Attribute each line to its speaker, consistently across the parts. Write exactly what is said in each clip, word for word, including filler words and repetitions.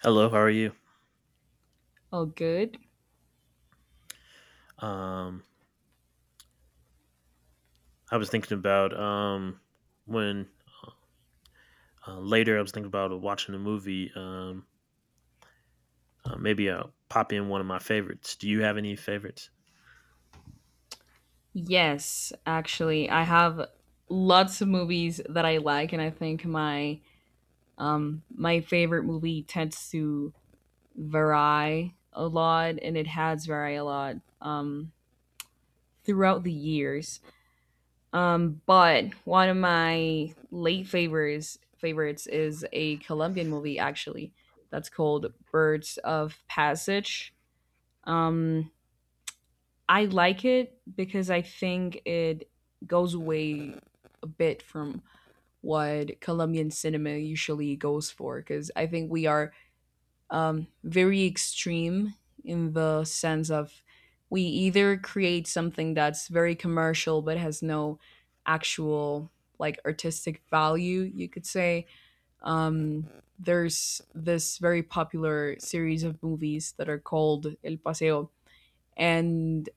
Speaker 1: Hello, how are you?
Speaker 2: Oh, good.
Speaker 1: Um, I was thinking about um, when uh, later I was thinking about watching a movie. Um, uh, maybe I'll pop in one of my favorites. Do you have any favorites?
Speaker 2: Yes, actually, I have lots of movies that I like, and I think my um my favorite movie tends to vary a lot, and it has varied a lot um throughout the years. Um, but one of my late favorites favorites is a Colombian movie actually that's called Birds of Passage. Um, I like it because I think it goes way bit from what Colombian cinema usually goes for because I think we are um, very extreme in the sense of we either create something that's very commercial but has no actual like artistic value, you could say. Um, there's this very popular series of movies that are called El Paseo and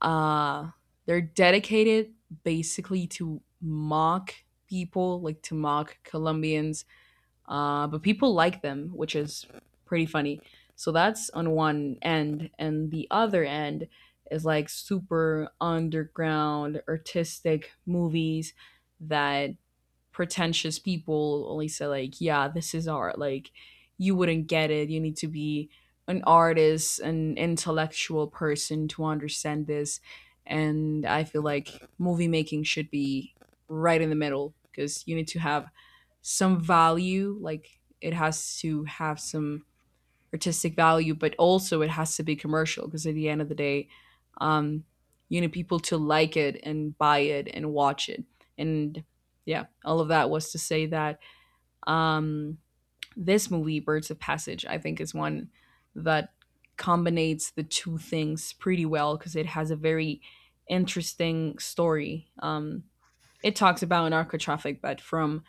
Speaker 2: uh they're dedicated basically to mock people, like to mock Colombians. Uh, but people like them, which is pretty funny. So that's on one end, and the other end is like super underground artistic movies that pretentious people only say like yeah this is art like you wouldn't get it you need to be an artist an intellectual person to understand this and I feel like movie making should be right in the middle because you need to have some value like it has to have some artistic value, but also it has to be commercial because at the end of the day, um, you need people to like it and buy it and watch it. And yeah, all of that was to say that um, this movie, Birds of Passage, I think is one that combines the two things pretty well because it has a very interesting story. Um, it talks about narco traffic, but from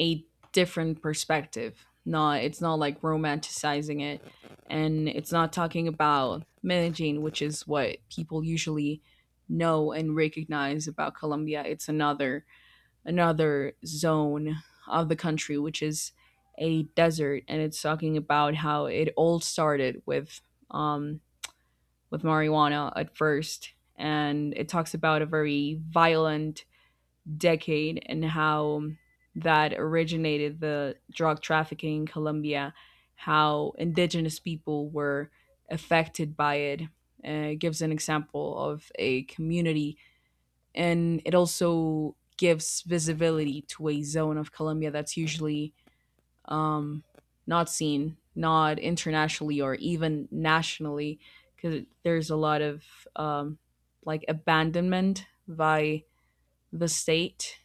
Speaker 2: a different perspective. Not it's not like romanticizing it and it's not talking about managing, which is what people usually know and recognize about Colombia. It's another another zone of the country which is a desert and it's talking about how it all started with um with marijuana at first and it talks about a very violent decade and how that originated the drug trafficking in Colombia, how indigenous people were affected by it. Uh, it gives an example of a community, and it also gives visibility to a zone of Colombia that's usually um, not seen, not internationally or even nationally, because there's a lot of um, like abandonment by the state,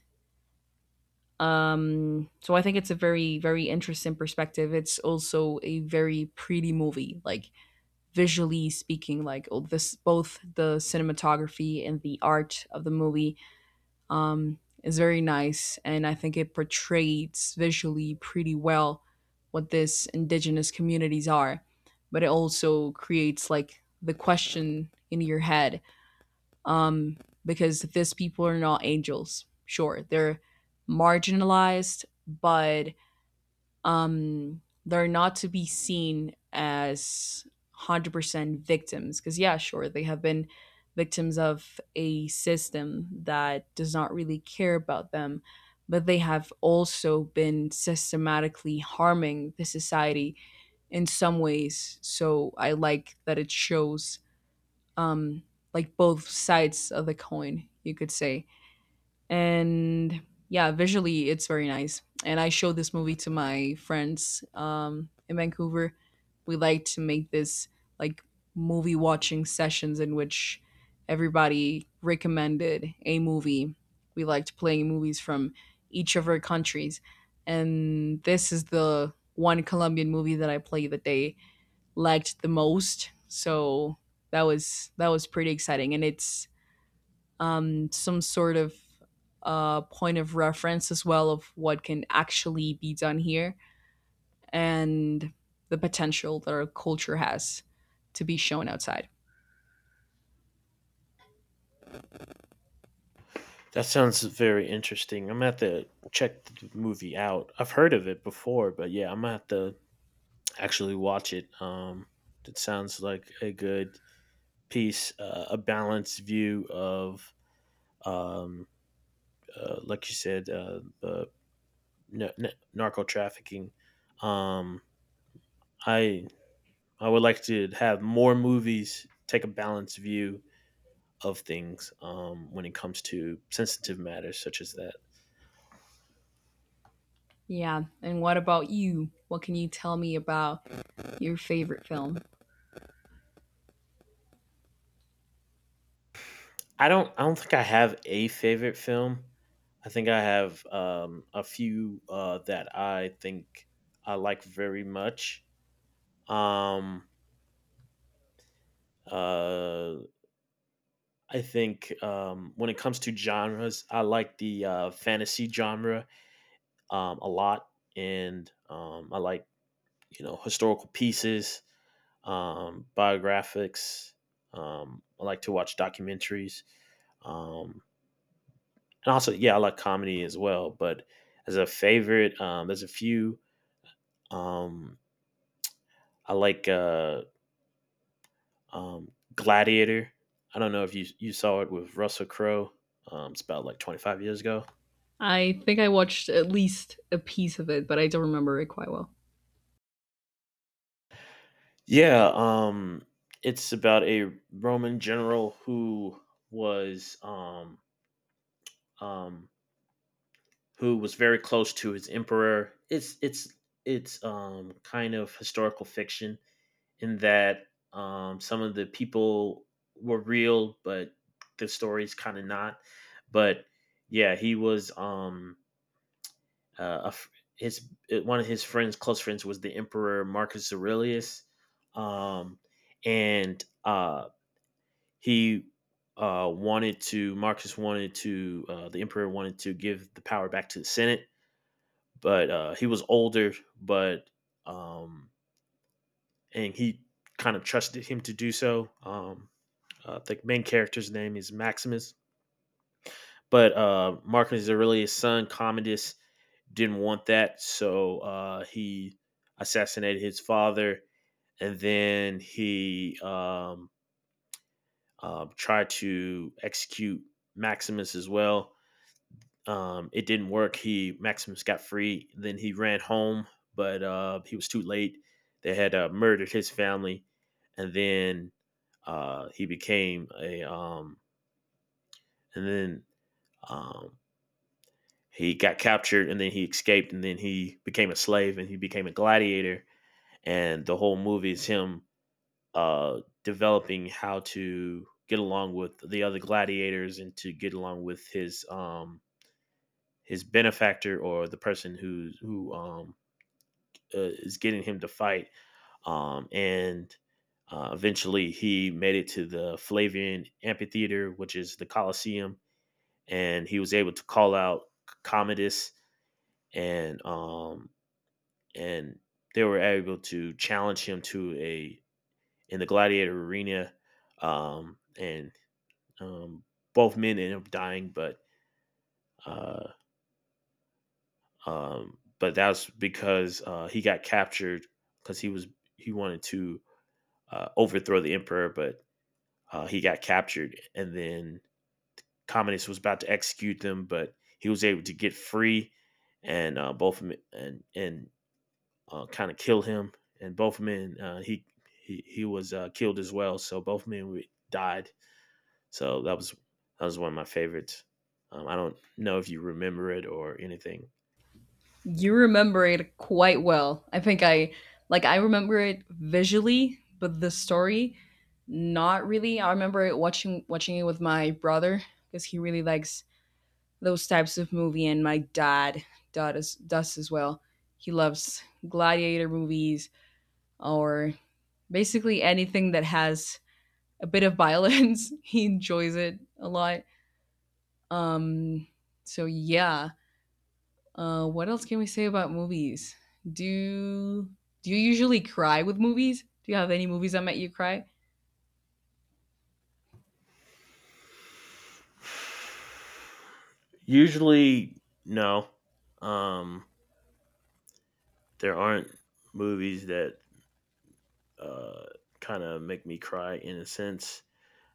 Speaker 2: um, so I think it's a very, very interesting perspective. It's also a very pretty movie, like visually speaking, like oh, this both the cinematography and the art of the movie um, is very nice, and I think it portrays visually pretty well what this indigenous communities are, but it also creates like the question in your head, um, because these people are not angels. Sure, they're marginalized, but um, they're not to be seen as one hundred percent victims. Because, yeah, sure, they have been victims of a system that does not really care about them, but they have also been systematically harming the society in some ways. So I like that it shows um like both sides of the coin, you could say. And yeah, visually it's very nice. And I showed this movie to my friends um in Vancouver. We like to make this like movie watching sessions in which everybody recommended a movie. We liked playing movies from each of our countries. And this is the one Colombian movie that I played the day liked the most. So that was that was pretty exciting, and it's um, some sort of uh, point of reference as well of what can actually be done here and the potential that our culture has to be shown outside.
Speaker 1: That sounds very interesting. I'm gonna have to check the movie out. I've heard of it before, but yeah, I'm gonna have to actually watch it. Um, it sounds like a good piece, uh, a balanced view of, um, uh, like you said, uh, uh, n- n- narco trafficking. Um, I I would like to have more movies take a balanced view of things, um, when it comes to sensitive matters such as that.
Speaker 2: Yeah. And what about you? What can you tell me about your favorite film?
Speaker 1: I don't I don't think I have a favorite film. I think I have, um, a few, uh, that I think I like very much. Um, uh, I think, um, when it comes to genres, I like the uh, fantasy genre, um, a lot, and um, I like, you know, historical pieces. Um, biographics. Um, I like to watch documentaries, um, and also, yeah, I like comedy as well. But as a favorite, um, there's a few. Um, I like uh, um, Gladiator. I don't know if you you saw it with Russell Crowe. Um, it's about like twenty-five years ago.
Speaker 2: I think I watched at least a piece of it, but I don't remember it quite well.
Speaker 1: Yeah, um, it's about a Roman general who was, um, um, who was very close to his emperor. It's it's it's um kind of historical fiction in that um some of the people were real, but the story's kind of not. But yeah, he was, um uh, a, his uh, one of his friends, close friends, was the emperor Marcus Aurelius, um, and uh he uh wanted to— Marcus wanted to, uh, the emperor wanted to give the power back to the Senate, but uh, he was older, but, um, and he kind of trusted him to do so. Um, uh, the main character's name is Maximus, but uh, Marcus Aurelius' son Commodus didn't want that, so uh, he assassinated his father, and then he um, uh, tried to execute Maximus as well. Um, it didn't work. He— Maximus got free. Then he ran home, but uh, he was too late. They had uh, murdered his family, and then uh, he became a. Um, and then um, he got captured, and then he escaped, and then he became a slave, and he became a gladiator. And the whole movie is him uh, developing how to get along with the other gladiators and to get along with his, um, his benefactor, or the person who who um, uh, is getting him to fight. Um, and uh, Eventually he made it to the Flavian Amphitheater, which is the Colosseum, and he was able to call out Commodus, and um, and they were able to challenge him to a— in the gladiator arena, um, and um, both men ended up dying, but uh, um, but that was because uh, he got captured because he was— he wanted to uh, overthrow the emperor, but Uh, he got captured, and then Commodus was about to execute them, but he was able to get free, and uh, both of 'em— and and uh, kind of kill him. And both men, uh, he he he was uh, killed as well. So both men died. So that was that was one of my favorites. Um, I don't know if you remember it or anything.
Speaker 2: You remember it quite well. I think I like I remember it visually, but the story not really. I remember it watching watching it with my brother because he really likes those types of movie and my dad does does as well. He loves gladiator movies or basically anything that has a bit of violence. He enjoys it a lot. Um so yeah, uh, what else can we say about movies? Do do you usually cry with movies? Do you have any movies that make you cry?
Speaker 1: Usually, no. Um, there aren't movies that uh, kind of make me cry in a sense.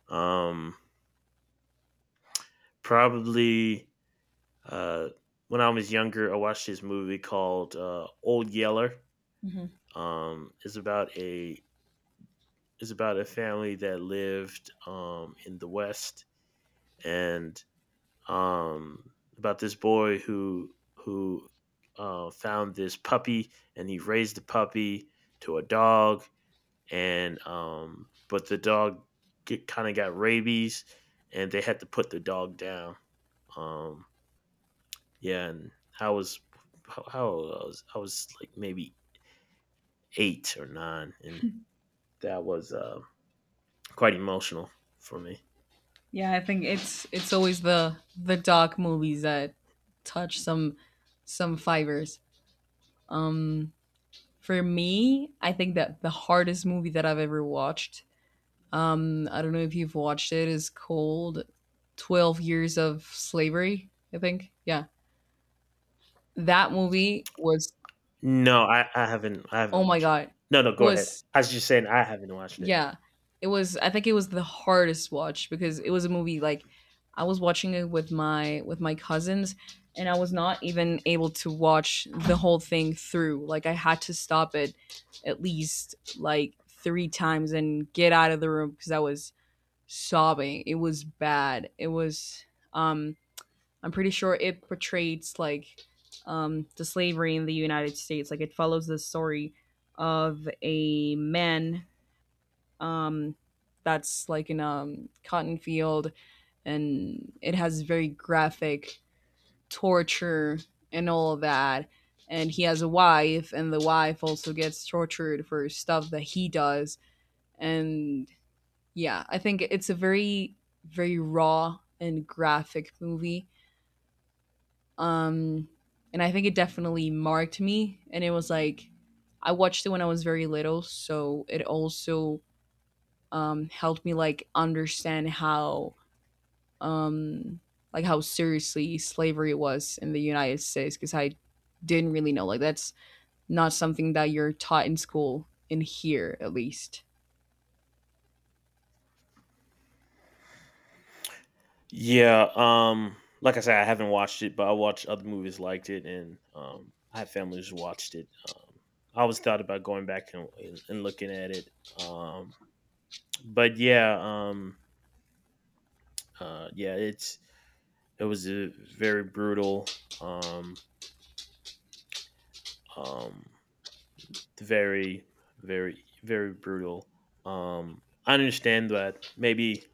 Speaker 1: Um, probably uh, when I was younger, I watched this movie called uh, Old Yeller.
Speaker 2: Mhm.
Speaker 1: Um, it's about a it's about a family that lived, um, in the West, and, um, about this boy who who uh, found this puppy, and he raised the puppy to a dog, and um, but the dog kind of got rabies, and they had to put the dog down. Um, Yeah, and I was— how how old I was— I was like maybe eight or nine, and that was uh, quite emotional for me.
Speaker 2: Yeah, I think it's it's always the the dark movies that touch some some fibers. Um, for me, I think that the hardest movie that I've ever watched. Um, I don't know if you've watched it. Is called Twelve Years of Slavery. I think. Yeah, that movie was.
Speaker 1: No, I, I haven't I haven't
Speaker 2: Oh my
Speaker 1: watched it.
Speaker 2: god,
Speaker 1: No, no,
Speaker 2: it
Speaker 1: go ahead.
Speaker 2: was.
Speaker 1: I was just saying I haven't watched it.
Speaker 2: Yeah. It was I think it was the hardest watch because it was a movie like I was watching it with my with my cousins and I was not even able to watch the whole thing through. Like I had to stop it at least like three times and get out of the room because I was sobbing. It was bad. It was um I'm pretty sure it portrays like um the slavery in the United States. Like it follows the story of a man, um, that's like in um cotton field, and it has very graphic torture and all of that. And he has a wife, and the wife also gets tortured for stuff that he does. And yeah, I think it's a very, very raw and graphic movie. Um, and I think it definitely marked me. And it was like, I watched it when I was very little, so it also um, helped me like understand how um, like how seriously slavery was in the United States because I didn't really know like that's not something that you're taught in school in here at least.
Speaker 1: Yeah, um, like I said, I haven't watched it, but I watched other movies liked it, and um, I had family who's watched it. Um, I always thought about going back and, and, and looking at it. Um, but yeah, um, uh, yeah, it's— it was a very brutal. Um, um, very, very, very brutal. Um, I understand that maybe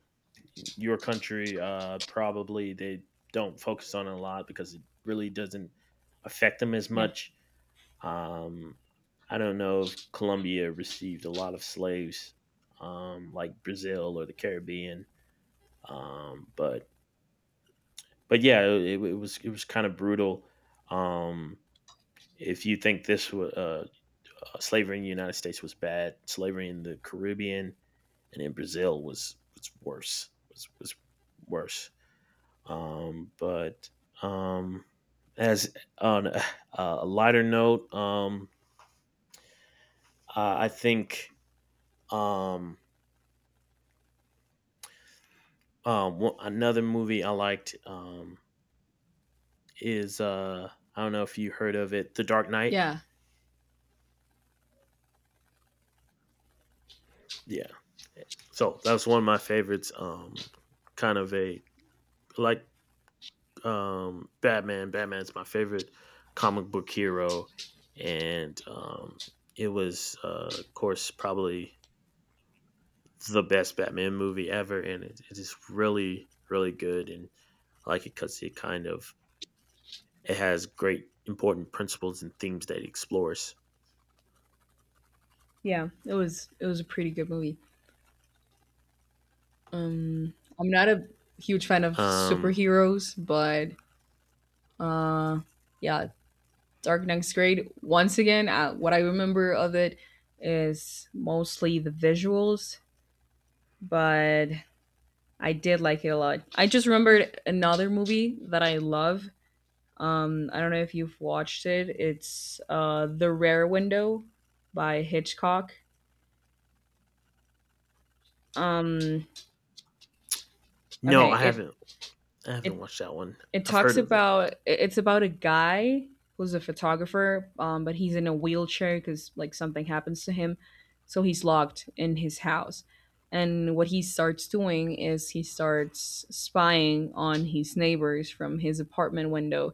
Speaker 1: your country uh, probably they don't focus on it a lot because it really doesn't affect them as
Speaker 2: Yeah.
Speaker 1: much. Um, I don't know if Colombia received a lot of slaves, um, like Brazil or the Caribbean, um, but but yeah, it, it was it was kind of brutal. Um, if you think this wa- uh, uh, slavery in the United States was bad, slavery in the Caribbean and in Brazil was— was worse. Was was worse. Um, but um, as on a, a lighter note, um, uh, I think, um, uh, one, another movie I liked, um, is uh, I don't know if you heard of it, The Dark Knight.
Speaker 2: Yeah.
Speaker 1: Yeah, so that was one of my favorites. Um, kind of a like, um, Batman. Batman's my favorite comic book hero, and um, it was, uh, of course, probably the best Batman movie ever, and it, it is really, really good. And I like it because it kind of— it has great important principles and themes that it explores.
Speaker 2: Yeah. It was it was a pretty good movie. Um I'm not a huge fan of
Speaker 1: Um,
Speaker 2: superheroes, but uh yeah, Dark Knight's great. Once again, uh, what I remember of it is mostly the visuals, but I did like it a lot. I just remembered another movie that I love. Um, I don't know if you've watched it. It's uh, The Rare Window by Hitchcock. Um,
Speaker 1: no, I
Speaker 2: okay, it
Speaker 1: haven't. I
Speaker 2: it
Speaker 1: haven't watched that one.
Speaker 2: it
Speaker 1: I've heard
Speaker 2: talks
Speaker 1: of it.
Speaker 2: about it- it's about a guy who's a photographer, um, but he's in a wheelchair because like something happens to him, so he's locked in his house. And what he starts doing is he starts spying on his neighbors from his apartment window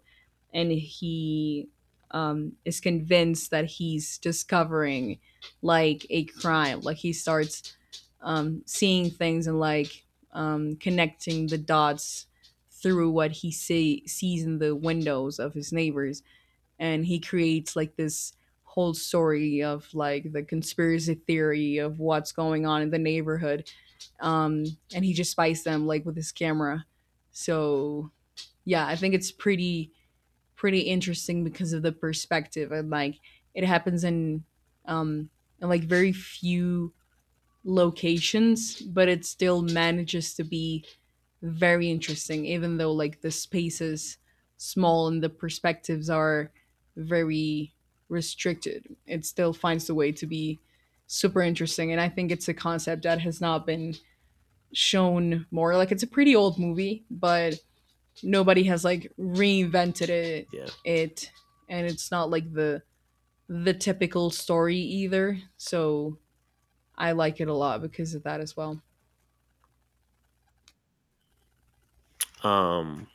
Speaker 2: and he, um, is convinced that he's discovering like a crime. Like he starts um, seeing things and like um, connecting the dots through what he see- sees in the windows of his neighbors, and he creates like this whole story of like the conspiracy theory of what's going on in the neighborhood. Um, and he just spies them like with his camera. So yeah, I think it's pretty pretty interesting because of the perspective and like it happens in um in like very few locations, but it still manages to be very interesting, even though like the space is small and the perspectives are very restricted. It still finds a way to be super interesting. And I think it's a concept that has not been shown more. Like it's a pretty old movie, but nobody has like reinvented it
Speaker 1: Yeah.
Speaker 2: it and it's not like the the typical story either, so I like it a lot because of that as well.
Speaker 1: Um,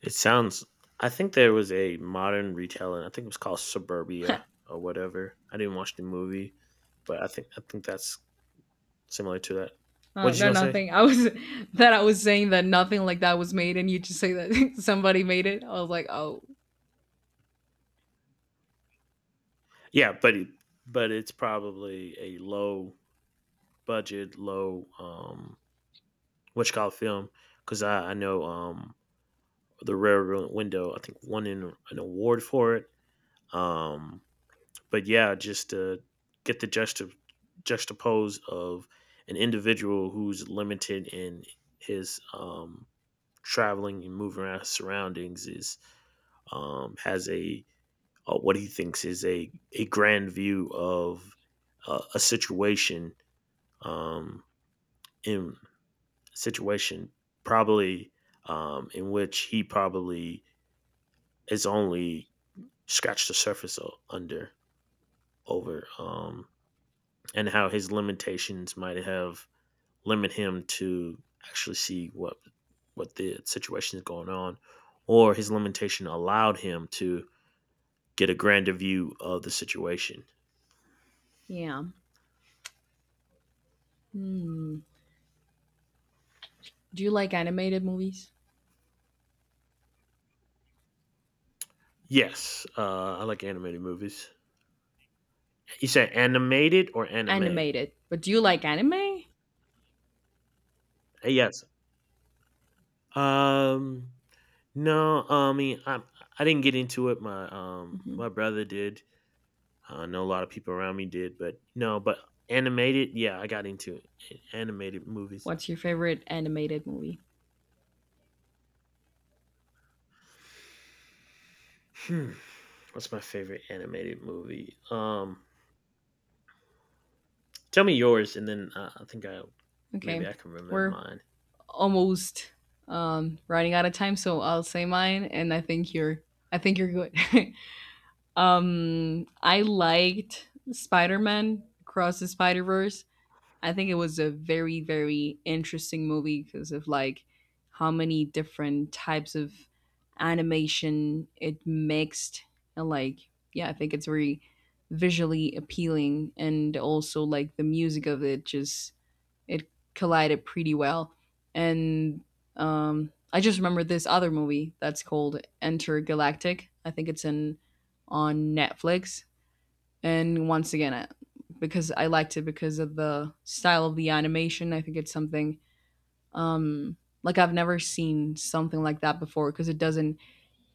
Speaker 1: it sounds. I think there was a modern retelling. I think it was called Suburbia or whatever. I didn't watch the movie, but I think I think that's similar to that.
Speaker 2: Uh,
Speaker 1: What are you
Speaker 2: no
Speaker 1: gonna say?
Speaker 2: nothing I was that I was saying that nothing like that was made and you just say that somebody made it I was like oh
Speaker 1: Yeah, but it, but it's probably a low budget, low, um what you call it, film, because I I know, um the Rare Window. I think won an, an award for it. Um, but yeah, just to get the juxta- juxtapose of an individual who's limited in his, um, traveling and moving around his surroundings, is, um, has a, uh, what he thinks is a a grand view of uh, a situation, um, in situation probably um, in which he probably is only scratched the surface o- under over, um, and how his limitations might have limit him to actually see what— what the situation is going on, or his limitation allowed him to get a grander view of the situation.
Speaker 2: yeah. Hmm. Do you like animated movies?
Speaker 1: Yes, uh, I like animated movies. You said animated or anime?
Speaker 2: Animated, but do you like anime?
Speaker 1: Yes. Um, no, uh, I mean, I I didn't get into it. My, um my
Speaker 2: Mhm.
Speaker 1: brother did. I know a lot of people around me did, but no, but animated. Yeah, I got into animated movies.
Speaker 2: What's your favorite animated movie?
Speaker 1: Hmm. What's my favorite animated movie? Um, tell me yours, and then uh, I think I— maybe
Speaker 2: Okay,
Speaker 1: I can remember
Speaker 2: we're
Speaker 1: mine.
Speaker 2: almost um, running out of time, so I'll say mine. And I think you're, I think you're good. Um, I liked Spider-Man Across the Spider-Verse. I think it was a very, very interesting movie because of like how many different types of animation it mixed and like yeah I think it's very visually appealing and also like the music of it just it collided pretty well. And um, I just remember this other movie that's called Enter Galactic. I think it's in on Netflix. And once again, I- because I liked it because of the style of the animation, I think it's something, um, like I've never seen something like that before because it doesn't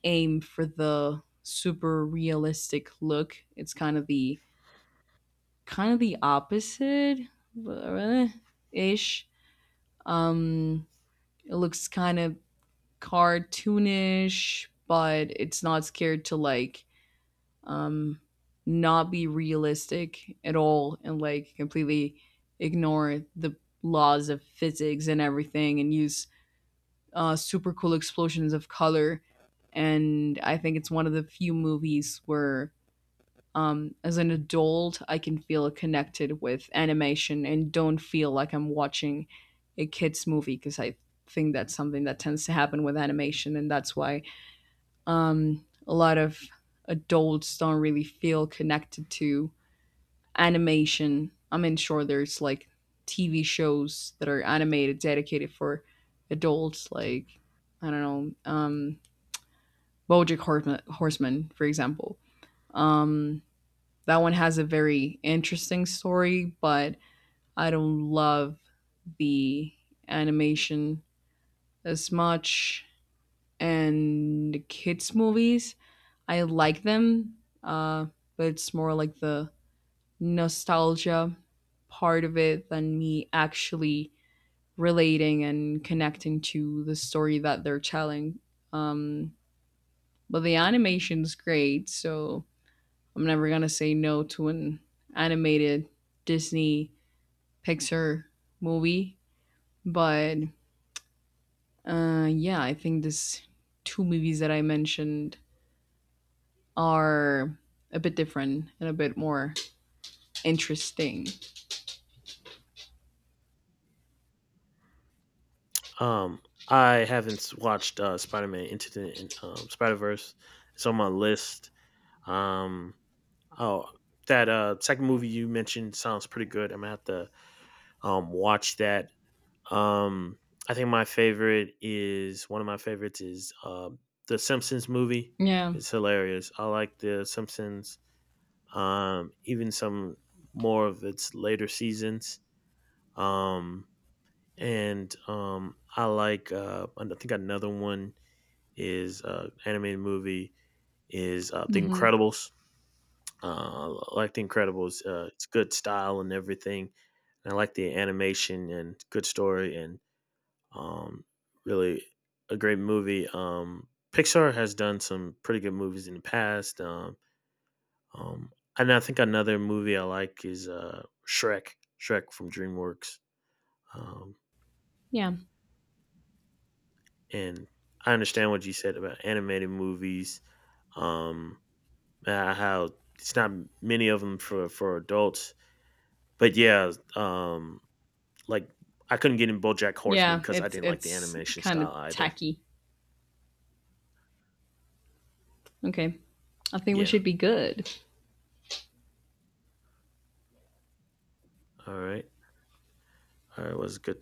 Speaker 2: aim for the super realistic look. It's kind of the kind of the opposite ish. Um, It looks kind of cartoonish, but it's not scared to like um not be realistic at all and like completely ignore the laws of physics and everything and use uh, super cool explosions of color. And I think it's one of the few movies where, um, as an adult, I can feel connected with animation and don't feel like I'm watching a kids movie because I think that's something that tends to happen with animation, and that's why um, a lot of adults don't really feel connected to animation. I mean, sure, there's like T V shows that are animated dedicated for adults, like I don't know, um, BoJack Horseman, Horseman, for example. Um, that one has a very interesting story, but I don't love the animation as much. And kids' movies, I like them, uh, but it's more like the nostalgia part of it than me actually relating and connecting to the story that they're telling. Um, but the animation's great, so I'm never gonna say no to an animated Disney Pixar movie. But uh, yeah, I think these two movies that I mentioned are a bit different and a bit more interesting.
Speaker 1: Um, I haven't s- watched uh, Spider Man Into the in- um, Spider Verse. It's on my list. Um, oh, that uh, second movie you mentioned sounds pretty good. I'm gonna have to, um, watch that. Um, I think my favorite— is one of my favorites is uh, the Simpsons movie.
Speaker 2: Yeah.
Speaker 1: It's hilarious. I like the Simpsons, um, even some more of its later seasons. Um, and um, I like, uh, I think another one is, uh, animated movie is, uh, The
Speaker 2: Hmm.
Speaker 1: Incredibles. Uh, I like The Incredibles. Uh, it's good style and everything. And I like the animation and good story and, um, really a great movie. Um, Pixar has done some pretty good movies in the past. Um, Um, and I think another movie I like is uh, Shrek, Shrek from DreamWorks. Um,
Speaker 2: Yeah.
Speaker 1: and I understand what you said about animated movies, um, uh, how it's not many of them for, for adults. But yeah, um, like, I couldn't get in BoJack Horseman
Speaker 2: Yeah.
Speaker 1: because I
Speaker 2: It's
Speaker 1: didn't like the
Speaker 2: it's
Speaker 1: animation
Speaker 2: kind
Speaker 1: style
Speaker 2: of
Speaker 1: either.
Speaker 2: tacky. Okay. I think we
Speaker 1: Yeah.
Speaker 2: should be good.
Speaker 1: All right. All right. It was good